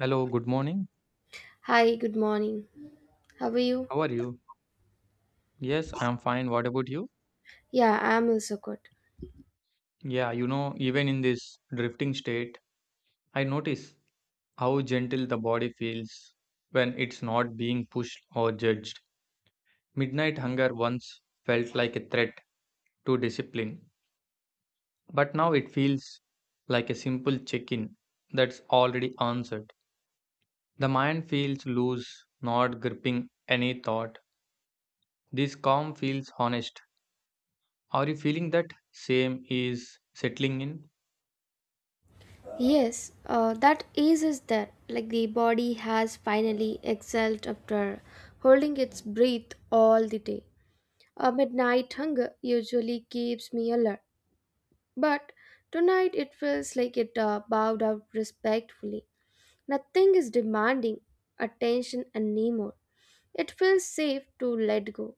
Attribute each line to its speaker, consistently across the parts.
Speaker 1: Hello, good morning.
Speaker 2: Hi, good morning. How are you?
Speaker 1: How are you? Yes, I am fine. What about you?
Speaker 2: Yeah, I'm also good.
Speaker 1: Yeah, you know, even in this drifting state, I notice how gentle the body feels when it's not being pushed or judged. Midnight hunger once felt like a threat to discipline, but now it feels like a simple check in that's already answered. The mind feels loose, not gripping any thought. This calm feels honest. Are you feeling that same is settling in?
Speaker 2: Yes, that ease is there. Like the body has finally exhaled after holding its breath all the day. A midnight hunger usually keeps me alert, but tonight it feels like it bowed out respectfully. Nothing is demanding attention anymore. It feels safe to let go.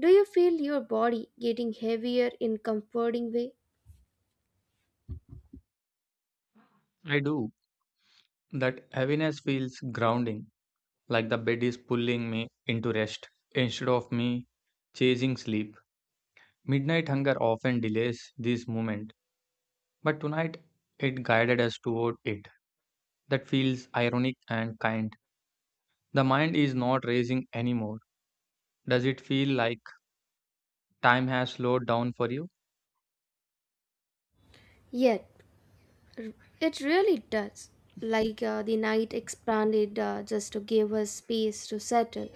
Speaker 2: Do you feel your body getting heavier in comforting way?
Speaker 1: I do. That heaviness feels grounding, like the bed is pulling me into rest instead of me chasing sleep. Midnight hunger often delays this moment, but tonight it guided us toward it. That feels ironic and kind. The mind is not racing anymore. Does it feel like time has slowed down for you?
Speaker 2: Yet R- It really does. Like the night expanded just to give us space to settle,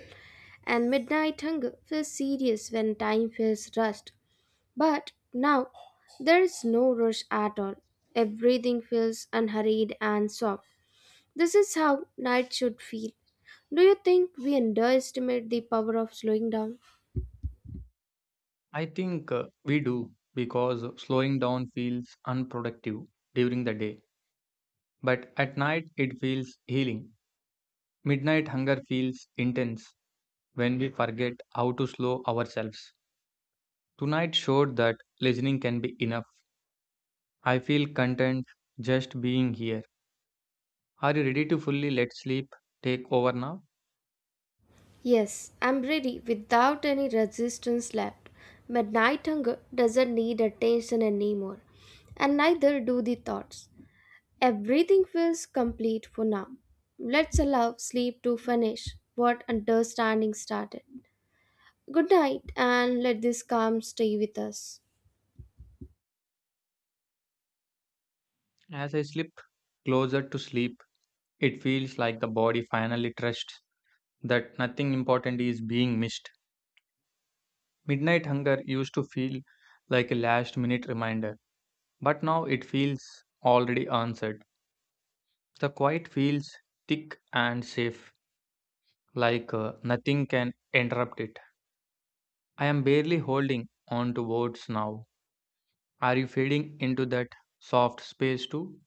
Speaker 2: and midnight hunger feels serious when time feels rushed. But now, there is no rush at all. Everything feels unhurried and soft. This is how night should feel. Do you think we underestimate the power of slowing down?
Speaker 1: I think we do because slowing down feels unproductive during the day, but at night it feels healing. Midnight hunger feels intense when we forget how to slow ourselves. Tonight showed that listening can be enough. I feel content just being here. Are you ready to fully let sleep take over now?
Speaker 2: Yes, I'm ready without any resistance left. But night hunger doesn't need attention anymore, and neither do the thoughts. Everything feels complete for now. Let's allow sleep to finish what understanding started. Good night, and let this calm stay with us.
Speaker 1: As I slip closer to sleep, it feels like the body finally trusts that nothing important is being missed. Midnight hunger used to feel like a last minute reminder, but now it feels already answered. The quiet feels thick and safe, like nothing can interrupt it. I am barely holding on to words now. Are you fading into that soft space too?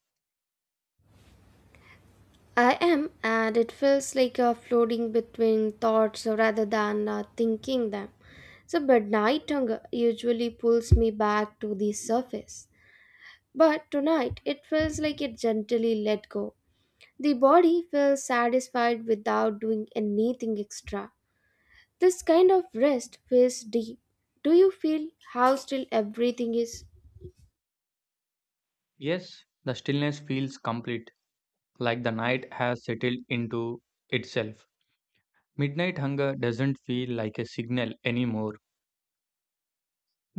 Speaker 2: I am, and it feels like a floating between thoughts rather than thinking them. But night hunger usually pulls me back to the surface. But tonight it feels like it gently let go. The body feels satisfied without doing anything extra. This kind of rest feels deep. Do you feel how still everything is?
Speaker 1: Yes, the stillness feels complete, like the night has settled into itself. Midnight hunger doesn't feel like a signal anymore,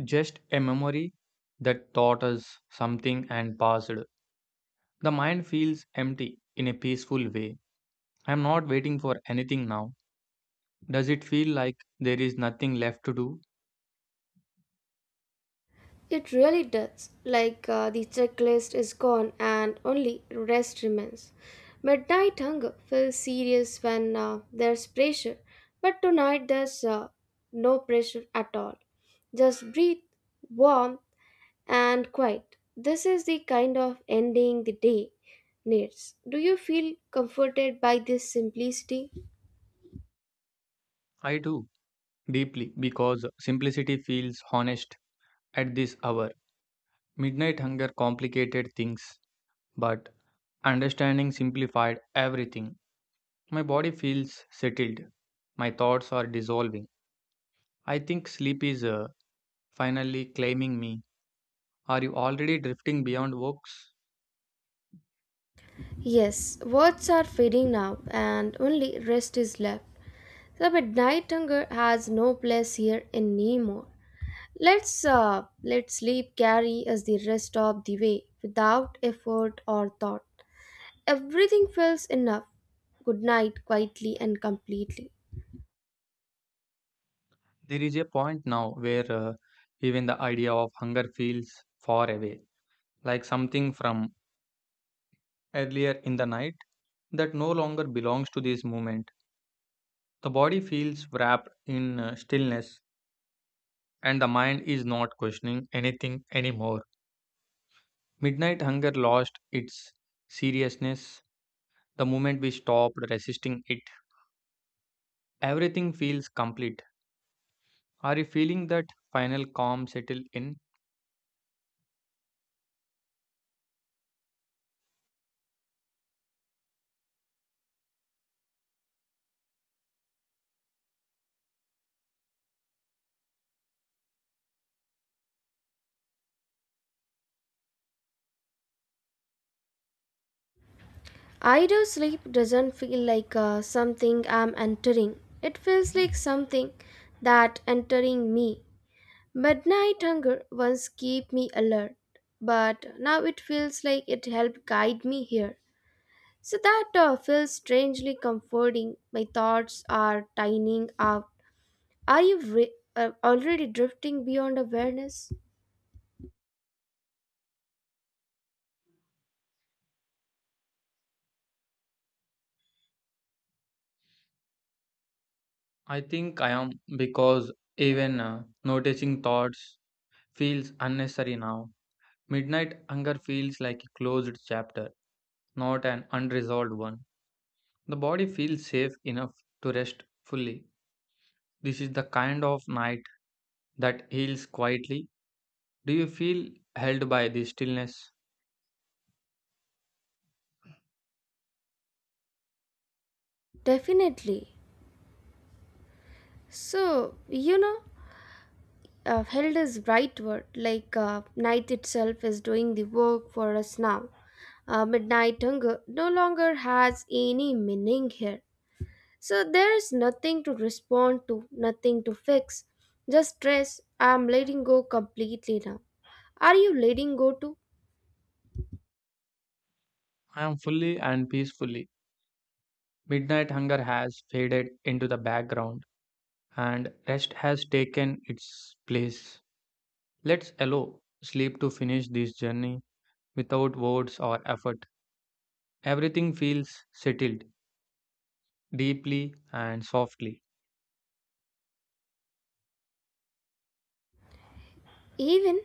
Speaker 1: just a memory that taught us something and passed. The mind feels empty in a peaceful way. I am not waiting for anything now. Does it feel like there is nothing left to do?
Speaker 2: It really does. Like the checklist is gone and only rest remains. Midnight hunger feels serious when there's pressure, but tonight there's no pressure at all. Just breathe, warmth, and quiet. This is the kind of ending the day needs. Do you feel comforted by this simplicity?
Speaker 1: I do, deeply, because simplicity feels honest. At this hour, midnight hunger complicated things, but understanding simplified everything. My body feels settled. My thoughts are dissolving. I think sleep is finally claiming me. Are you already drifting beyond works?
Speaker 2: Yes, words are fading now, and only rest is left. The midnight hunger has no place here anymore. Let's let sleep carry us the rest of the way without effort or thought. Everything feels enough. Good night, quietly and completely.
Speaker 1: There is a point now where even the idea of hunger feels far away, like something from earlier in the night that no longer belongs to this moment. The body feels wrapped in stillness and the mind is not questioning anything anymore. Midnight hunger lost its seriousness the moment we stopped resisting it. Everything feels complete. Are you feeling that final calm settle in?
Speaker 2: Idle sleep doesn't feel like something I'm entering. It feels like something that entering me. Midnight hunger once kept me alert, but now it feels like it helped guide me here. So that feels strangely comforting. My thoughts are tining out. Are you already drifting beyond awareness?
Speaker 1: I think I am because even noticing thoughts feels unnecessary now. Midnight hunger feels like a closed chapter, not an unresolved one. The body feels safe enough to rest fully. This is the kind of night that heals quietly. Do you feel held by the stillness?
Speaker 2: Definitely. So, you know, held is right word like night itself is doing the work for us now midnight hunger no longer has any meaning here so there is nothing to respond to nothing to fix just stress I'm letting go completely now are you letting go too
Speaker 1: I am fully and peacefully. Midnight hunger has faded into the background and rest has taken its place. Let's allow sleep to finish this journey without words or effort. Everything feels settled deeply and softly.
Speaker 2: even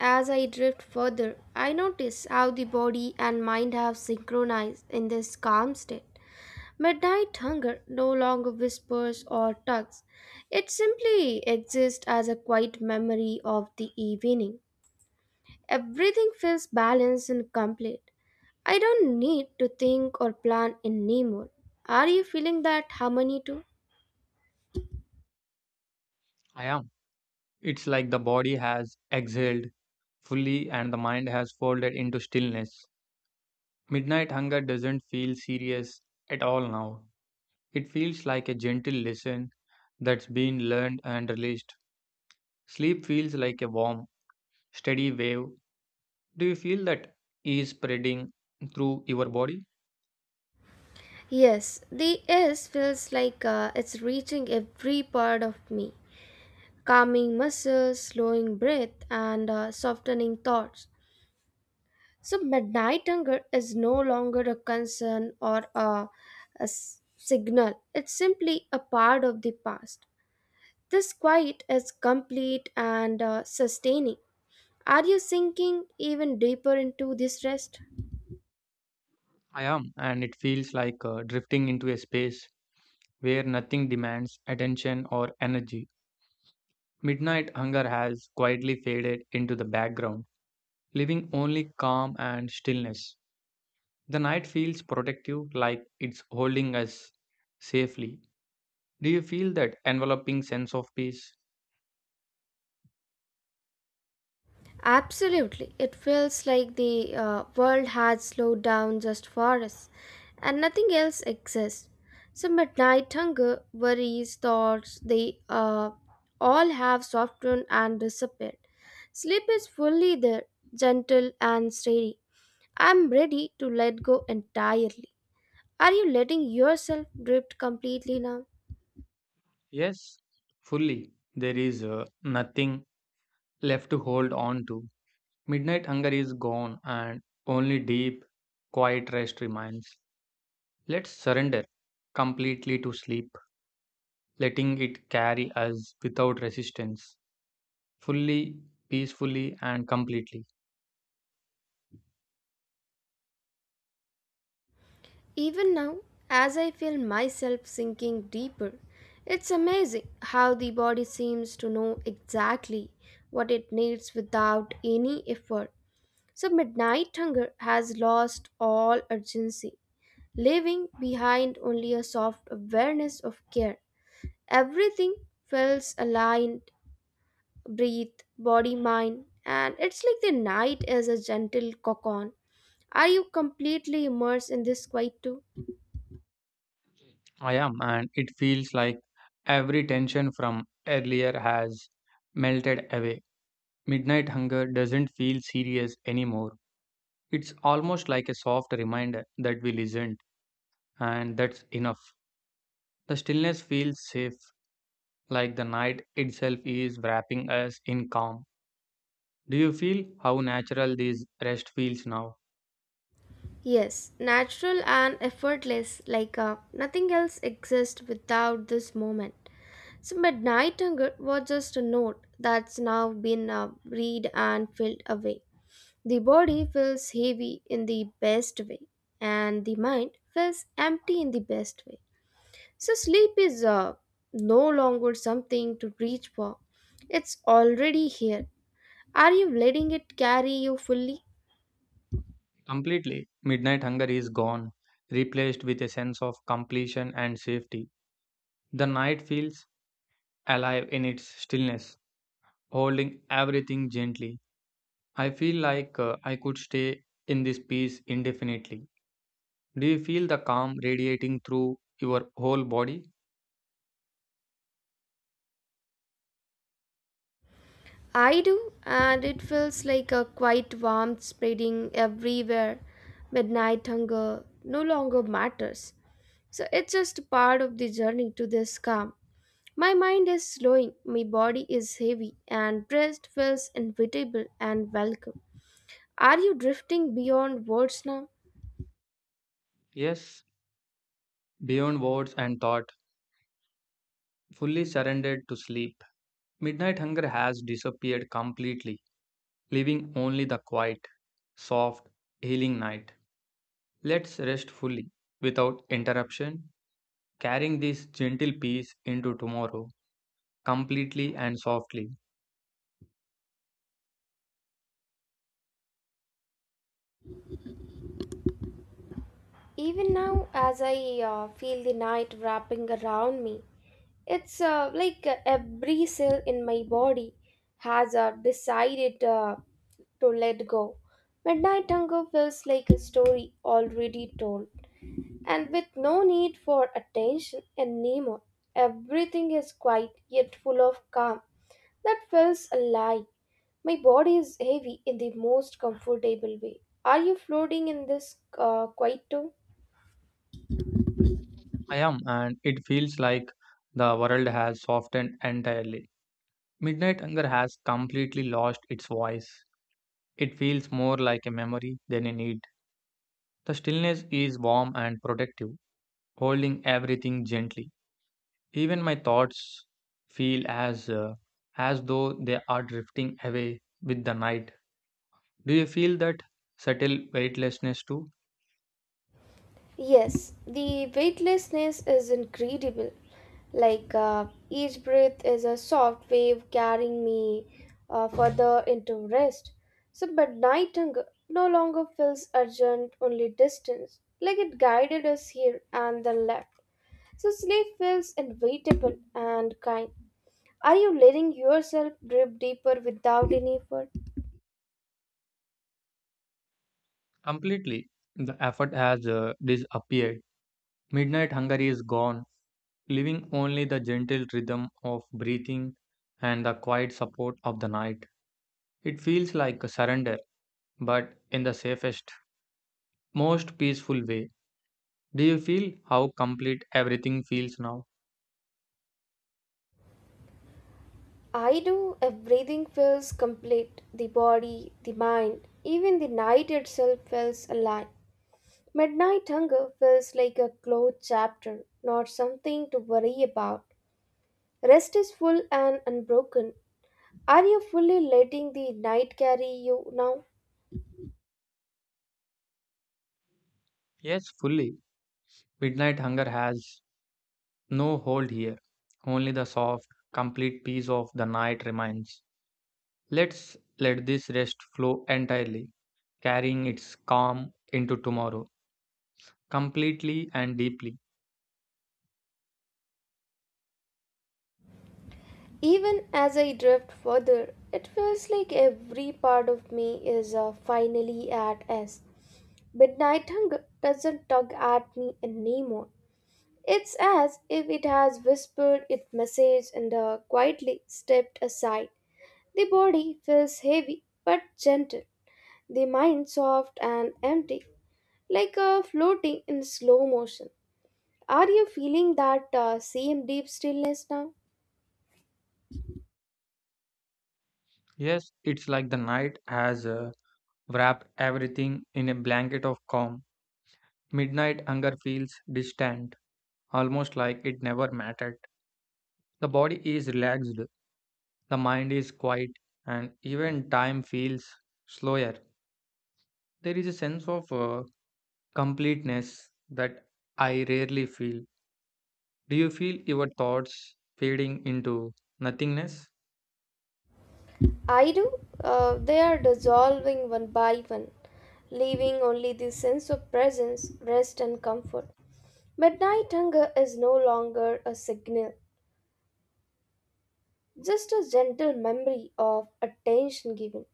Speaker 2: as I drift further, I notice how the body and mind have synchronized in this calm state. Midnight hunger no longer whispers or tugs. It simply exists as a quiet memory of the evening. Everything feels balanced and complete. I don't need to think or plan anymore. Are you feeling that harmony too?
Speaker 1: I am. It's like the body has exhaled fully and the mind has folded into stillness. Midnight hunger doesn't feel serious at all now. It feels like a gentle lesson that's been learned and released. Sleep feels like a warm, steady wave. Do you feel that is spreading through your body?
Speaker 2: Yes, the S feels like it's reaching every part of me, calming muscles, slowing breath, and softening thoughts. So, midnight hunger is no longer a concern or a signal, it's simply a part of the past. This quiet is complete and sustaining. Are you sinking even deeper into this rest?
Speaker 1: I am, and it feels like drifting into a space where nothing demands attention or energy. Midnight hunger has quietly faded into the background, leaving only calm and stillness. The night feels protective, like it's holding us safely. Do you feel that enveloping sense of peace?
Speaker 2: Absolutely. It feels like the world had slowed down just for us and nothing else exists. So, midnight hunger, worries, thoughts, they all have softened and disappeared. Sleep is fully there, gentle and steady. I'm ready to let go entirely. Are you letting yourself drift completely now?
Speaker 1: Yes, fully. There is nothing left to hold on to. Midnight hunger is gone, and only deep, quiet rest remains. Let's surrender completely to sleep, letting it carry us without resistance, fully, peacefully, and completely.
Speaker 2: Even now, as I feel myself sinking deeper, it's amazing how the body seems to know exactly what it needs without any effort. So, midnight hunger has lost all urgency, leaving behind only a soft awareness of care. Everything feels aligned breath, body, mind, and it's like the night is a gentle cocoon. Are you completely immersed in this quiet too?
Speaker 1: I am, and it feels like every tension from earlier has melted away. Midnight hunger doesn't feel serious anymore. It's almost like a soft reminder that we listened, and that's enough. The stillness feels safe, like the night itself is wrapping us in calm. Do you feel how natural this rest feels now?
Speaker 2: Yes, natural and effortless, like nothing else exists without this moment. So, Midnight Hunger was just a note that's now been read and filled away. The body feels heavy in the best way, and the mind feels empty in the best way. So, sleep is no longer something to reach for, it's already here. Are you letting it carry you fully?
Speaker 1: Completely. Midnight hunger is gone, replaced with a sense of completion and safety. The night feels alive in its stillness, holding everything gently. I feel like I could stay in this peace indefinitely. Do you feel the calm radiating through your whole body?
Speaker 2: I do, and it feels like a quiet warmth spreading everywhere. Midnight hunger no longer matters. So it's just part of the journey to this calm. My mind is slowing, my body is heavy, and breast feels invitable and welcome. Are you drifting beyond words now?
Speaker 1: Yes, beyond words and thought, fully surrendered to sleep. Midnight hunger has disappeared completely, leaving only the quiet, soft, healing night. Let's rest fully, without interruption, carrying this gentle peace into tomorrow, completely and softly.
Speaker 2: Even now, as I feel the night wrapping around me, it's like every cell in my body has decided to let go. Midnight hunger feels like a story already told, and with no need for attention anymore. Everything is quiet yet full of calm that feels alive. My body is heavy in the most comfortable way. Are you floating in this quiet too?
Speaker 1: I am, and it feels like the world has softened entirely. Midnight hunger has completely lost its voice. It feels more like a memory than a need. The stillness is warm and protective, holding everything gently. Even my thoughts feel as though they are drifting away with the night. Do you feel that subtle weightlessness too?
Speaker 2: Yes, the weightlessness is incredible. Like each breath is a soft wave carrying me further into rest. But night hunger no longer feels urgent, only distance. Like it guided us here and then left. So, sleep feels inevitable and kind. Are you letting yourself drift deeper without any effort?
Speaker 1: Completely. The effort has disappeared. Midnight hunger is gone, leaving only the gentle rhythm of breathing and the quiet support of the night. It feels like a surrender, but in the safest most peaceful way. Do you feel how complete everything feels now?
Speaker 2: I do. Everything feels complete the body, the mind, even the night itself feels alive. Midnight hunger feels like a closed chapter, not something to worry about. Rest is full and unbroken. Are you fully letting the night carry you now?
Speaker 1: Yes, fully. Midnight hunger has no hold here. Only the soft, complete peace of the night remains. Let's let this rest flow entirely, carrying its calm into tomorrow, completely and deeply.
Speaker 2: Even as I drift further, it feels like every part of me is finally at rest. Midnight hunger doesn't tug at me anymore. It's as if it has whispered its message and quietly stepped aside. The body feels heavy but gentle, the mind soft and empty, like a floating in slow motion. Are you feeling that same deep stillness now?
Speaker 1: Yes, it's like the night has wrapped everything in a blanket of calm. Midnight hunger feels distant, almost like it never mattered. The body is relaxed, the mind is quiet, and even time feels slower. There is a sense of completeness that I rarely feel. Do you feel your thoughts fading into nothingness?
Speaker 2: I do. They are dissolving one by one, leaving only the sense of presence, rest, and comfort. Midnight hunger is no longer a signal. Just a gentle memory of attention given.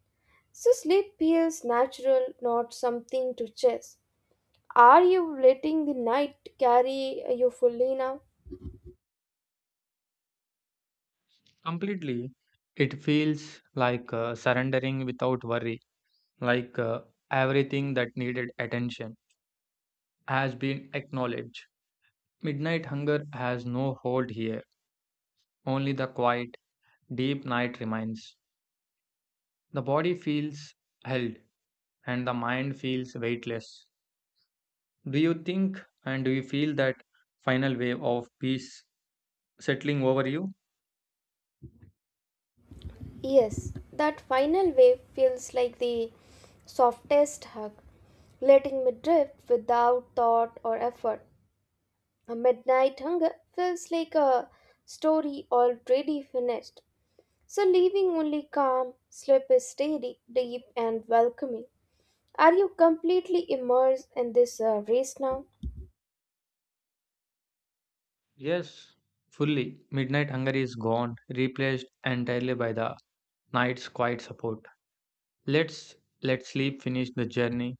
Speaker 2: So sleep feels natural, not something to chase. Are you letting the night carry you fully now?
Speaker 1: Completely. It feels like surrendering without worry, like everything that needed attention has been acknowledged. Midnight hunger has no hold here, only the quiet, deep night remains. The body feels held and the mind feels weightless. Do you think and do you feel that final wave of peace settling over you?
Speaker 2: Yes, that final wave feels like the softest hug, letting me drift without thought or effort. A midnight hunger feels like a story already finished. So leaving only calm, sleep is steady, deep and welcoming. Are you completely immersed in this race now?
Speaker 1: Yes, fully. Midnight hunger is gone, replaced entirely by the night's quiet support. Let's let sleep finish the journey,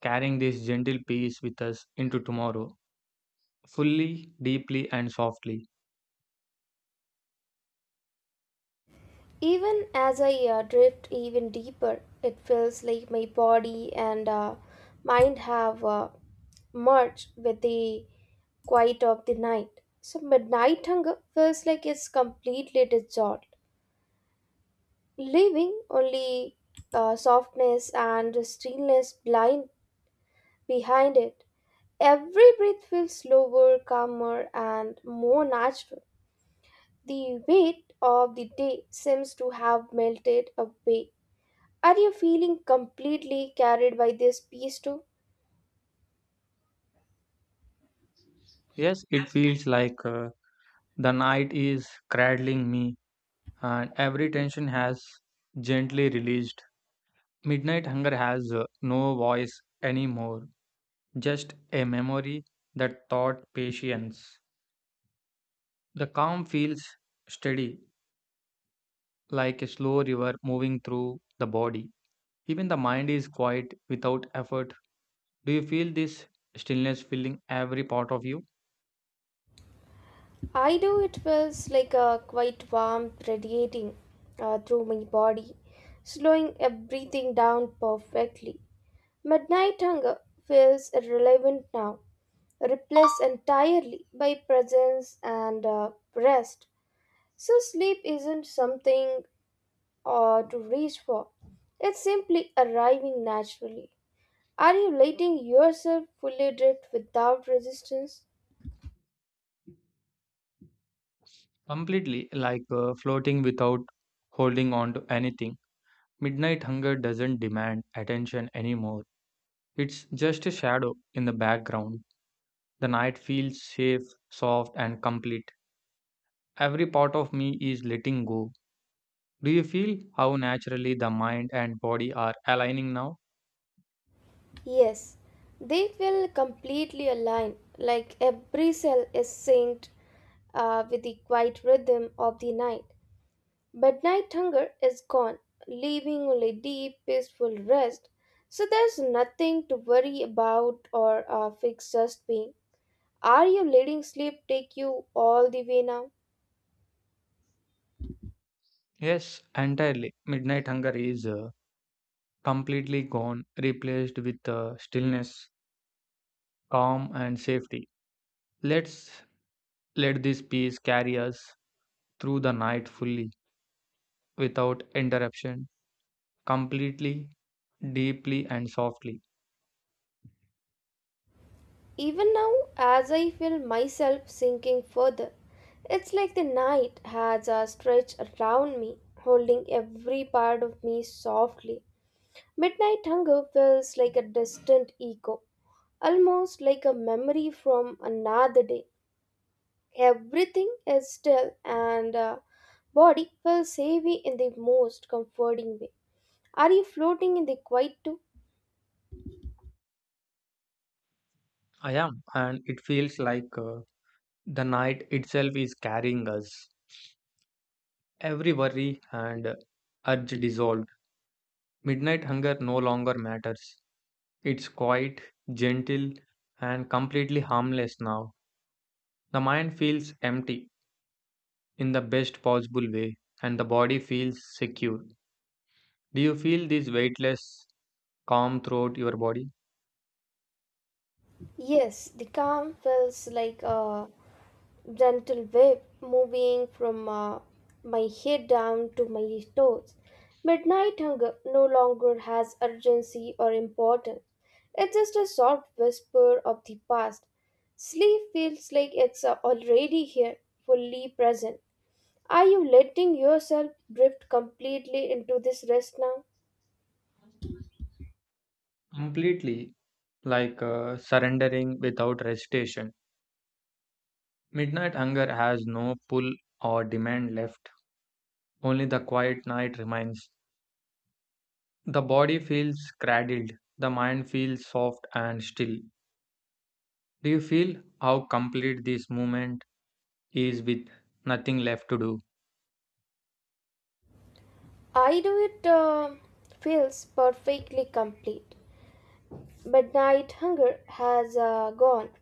Speaker 1: carrying this gentle peace with us into tomorrow, fully, deeply, and softly.
Speaker 2: Even as I drift even deeper, it feels like my body and mind have merged with the quiet of the night. So, midnight hunger feels like it's completely dissolved, leaving only softness and stillness blind behind it. Every breath feels slower, calmer, and more natural. The weight of the day seems to have melted away. Are you feeling completely carried by this piece too?
Speaker 1: Yes, it feels like the night is cradling me and every tension has gently released. Midnight hunger has no voice anymore, just a memory that taught patience. The calm feels steady, like a slow river moving through the body. Even the mind is quiet without effort. Do you feel this stillness filling every part of you?
Speaker 2: I do. It feels like a quite warmth radiating through my body, slowing everything down perfectly. Midnight hunger feels irrelevant now, replaced entirely by presence and rest. So sleep isn't something to reach for. It's simply arriving naturally. Are you letting yourself fully drift without resistance?
Speaker 1: Completely, like floating without holding on to anything. Midnight hunger doesn't demand attention anymore. It's just a shadow in the background. The night feels safe, soft, and complete. Every part of me is letting go. Do you feel how naturally the mind and body are aligning now?
Speaker 2: Yes, they feel completely aligned, like every cell is synced with the quiet rhythm of the night. Midnight hunger is gone, leaving only deep, peaceful rest. So there's nothing to worry about or fix just being. Are you letting sleep take you all the way now?
Speaker 1: Yes, entirely. Midnight hunger is completely gone, replaced with stillness, calm, and safety. Let's let this peace carry us through the night fully, without interruption, completely, deeply, and softly.
Speaker 2: Even now, as I feel myself sinking further, it's like the night has a stretch around me, holding every part of me softly. Midnight hunger feels like a distant echo, almost like a memory from another day. Everything is still, and body feels heavy in the most comforting way. Are you floating in the quiet too?
Speaker 1: I am, and it feels like the night itself is carrying us. Every worry and urge dissolved. Midnight hunger no longer matters. It's quiet, gentle, and completely harmless now. The mind feels empty in the best possible way, and the body feels secure. Do you feel this weightless calm throughout your body?
Speaker 2: Yes, the calm feels like a gentle wave moving from my head down to my toes. Midnight hunger no longer has urgency or importance. It's just a soft whisper of the past. Sleep feels like it's already here, fully present. Are you letting yourself drift completely into this rest now?
Speaker 1: Completely, like surrendering without hesitation. Midnight hunger has no pull or demand left. Only the quiet night remains. The body feels cradled, the mind feels soft and still. Do you feel how complete this moment is with nothing left to do?
Speaker 2: I do it feels perfectly complete. But night hunger has gone,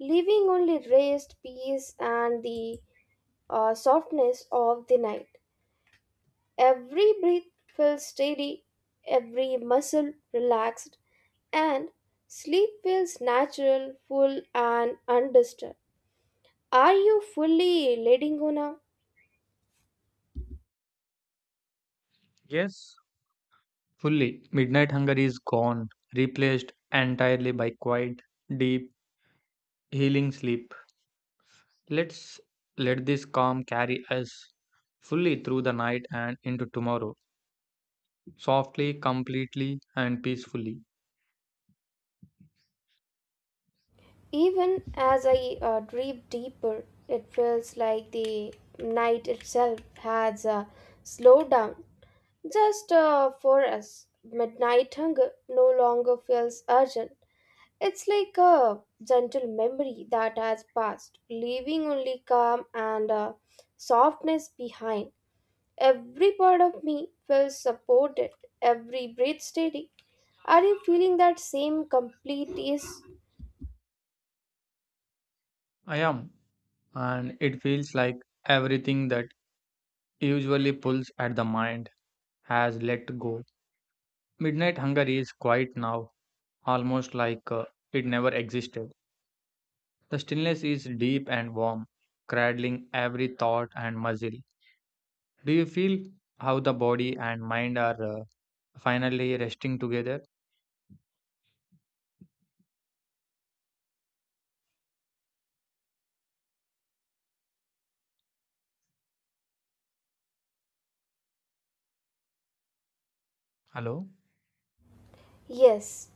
Speaker 2: leaving only rest, peace, and the softness of the night. Every breath feels steady, every muscle relaxed, and sleep feels natural, full, and undisturbed. Are you fully letting go now?
Speaker 1: Yes, fully, midnight hunger is gone, replaced entirely by quiet, deep, healing sleep. Let's let this calm carry us fully through the night and into tomorrow, softly, completely, and peacefully.
Speaker 2: Even as I dream deeper, it feels like the night itself has slowed down just for us, midnight hunger no longer feels urgent. It's like a gentle memory that has passed, leaving only calm and softness behind. Every part of me feels supported, every breath steady. Are you feeling that same complete ease?
Speaker 1: I am, and it feels like everything that usually pulls at the mind has let go. Midnight hunger is quiet now, almost like it never existed. The stillness is deep and warm, cradling every thought and muscle. Do you feel how the body and mind are finally resting together? Hello?
Speaker 2: Yes,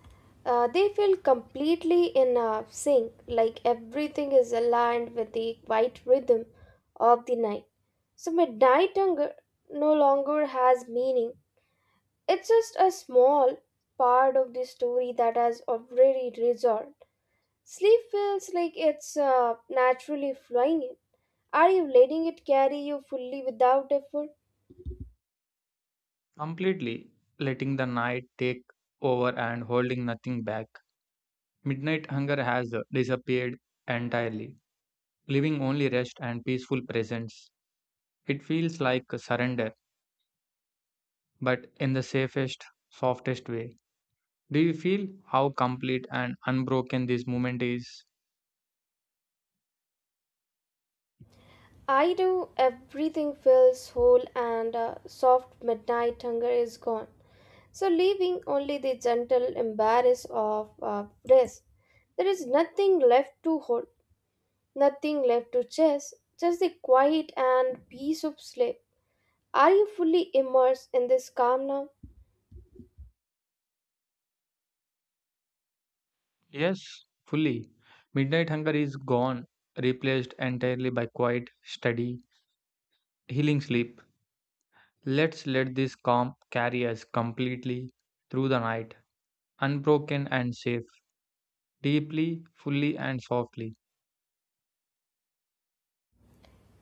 Speaker 2: they feel completely in sync, like everything is aligned with the quiet rhythm of the night. So, midnight hunger no longer has meaning. It's just a small part of the story that has already resolved. Sleep feels like it's naturally flowing in. Are you letting it carry you fully without effort?
Speaker 1: Completely letting the night take over and holding nothing back. Midnight hunger has disappeared entirely. Living only rest and peaceful presence. It feels like a surrender, but in the safest, softest way. Do you feel how complete and unbroken this moment is?
Speaker 2: I do. Everything feels whole and soft midnight hunger is gone. So, leaving only the gentle embrace of rest, there is nothing left to hold, nothing left to chase, just the quiet and peace of sleep. Are you fully immersed in this calm now?
Speaker 1: Yes, fully. Midnight hunger is gone, replaced entirely by quiet, steady, healing sleep. Let's let this calm carry us completely through the night, unbroken and safe, deeply, fully, and softly.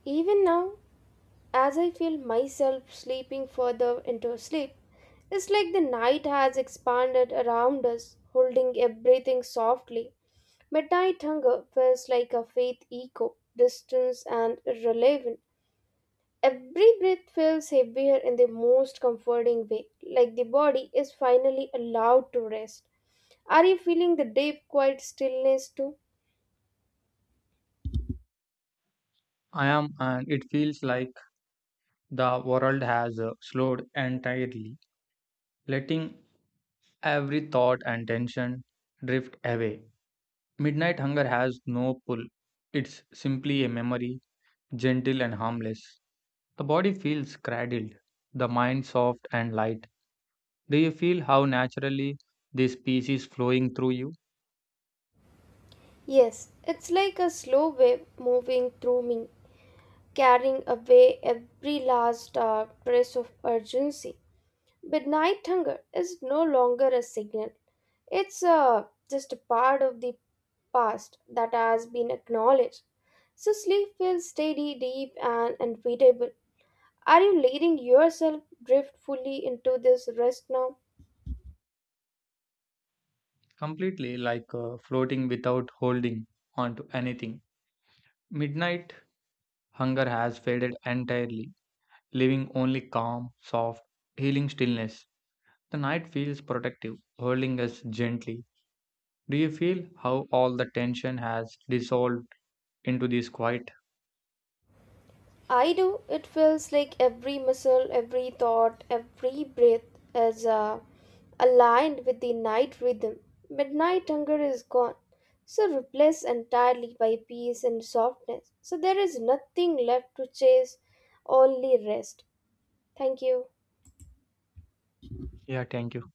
Speaker 2: Even now, as I feel myself sleeping further into sleep, it's like the night has expanded around us, holding everything softly. Midnight hunger feels like a faint echo, distant and irrelevant. Every breath feels heavier in the most comforting way, like the body is finally allowed to rest. Are you feeling the deep, quiet stillness too?
Speaker 1: I am, and it feels like the world has slowed entirely, letting every thought and tension drift away. Midnight hunger has no pull, it's simply a memory, gentle and harmless. The body feels cradled, the mind soft and light. Do you feel how naturally this peace is flowing through you?
Speaker 2: Yes, it's like a slow wave moving through me, carrying away every last dark trace of urgency. Midnight hunger is no longer a signal, it's just a part of the past that has been acknowledged. So sleep feels steady, deep, and unbeatable. Are you letting yourself drift fully into this rest now?
Speaker 1: Completely, like floating without holding onto anything. Midnight hunger has faded entirely, leaving only calm, soft, healing stillness. The night feels protective, holding us gently. Do you feel how all the tension has dissolved into this quiet?
Speaker 2: I do. It feels like every muscle, every thought, every breath is aligned with the night rhythm. Midnight hunger is gone, so replaced entirely by peace and softness. So there is nothing left to chase, only rest. Thank you.
Speaker 1: Yeah, thank you.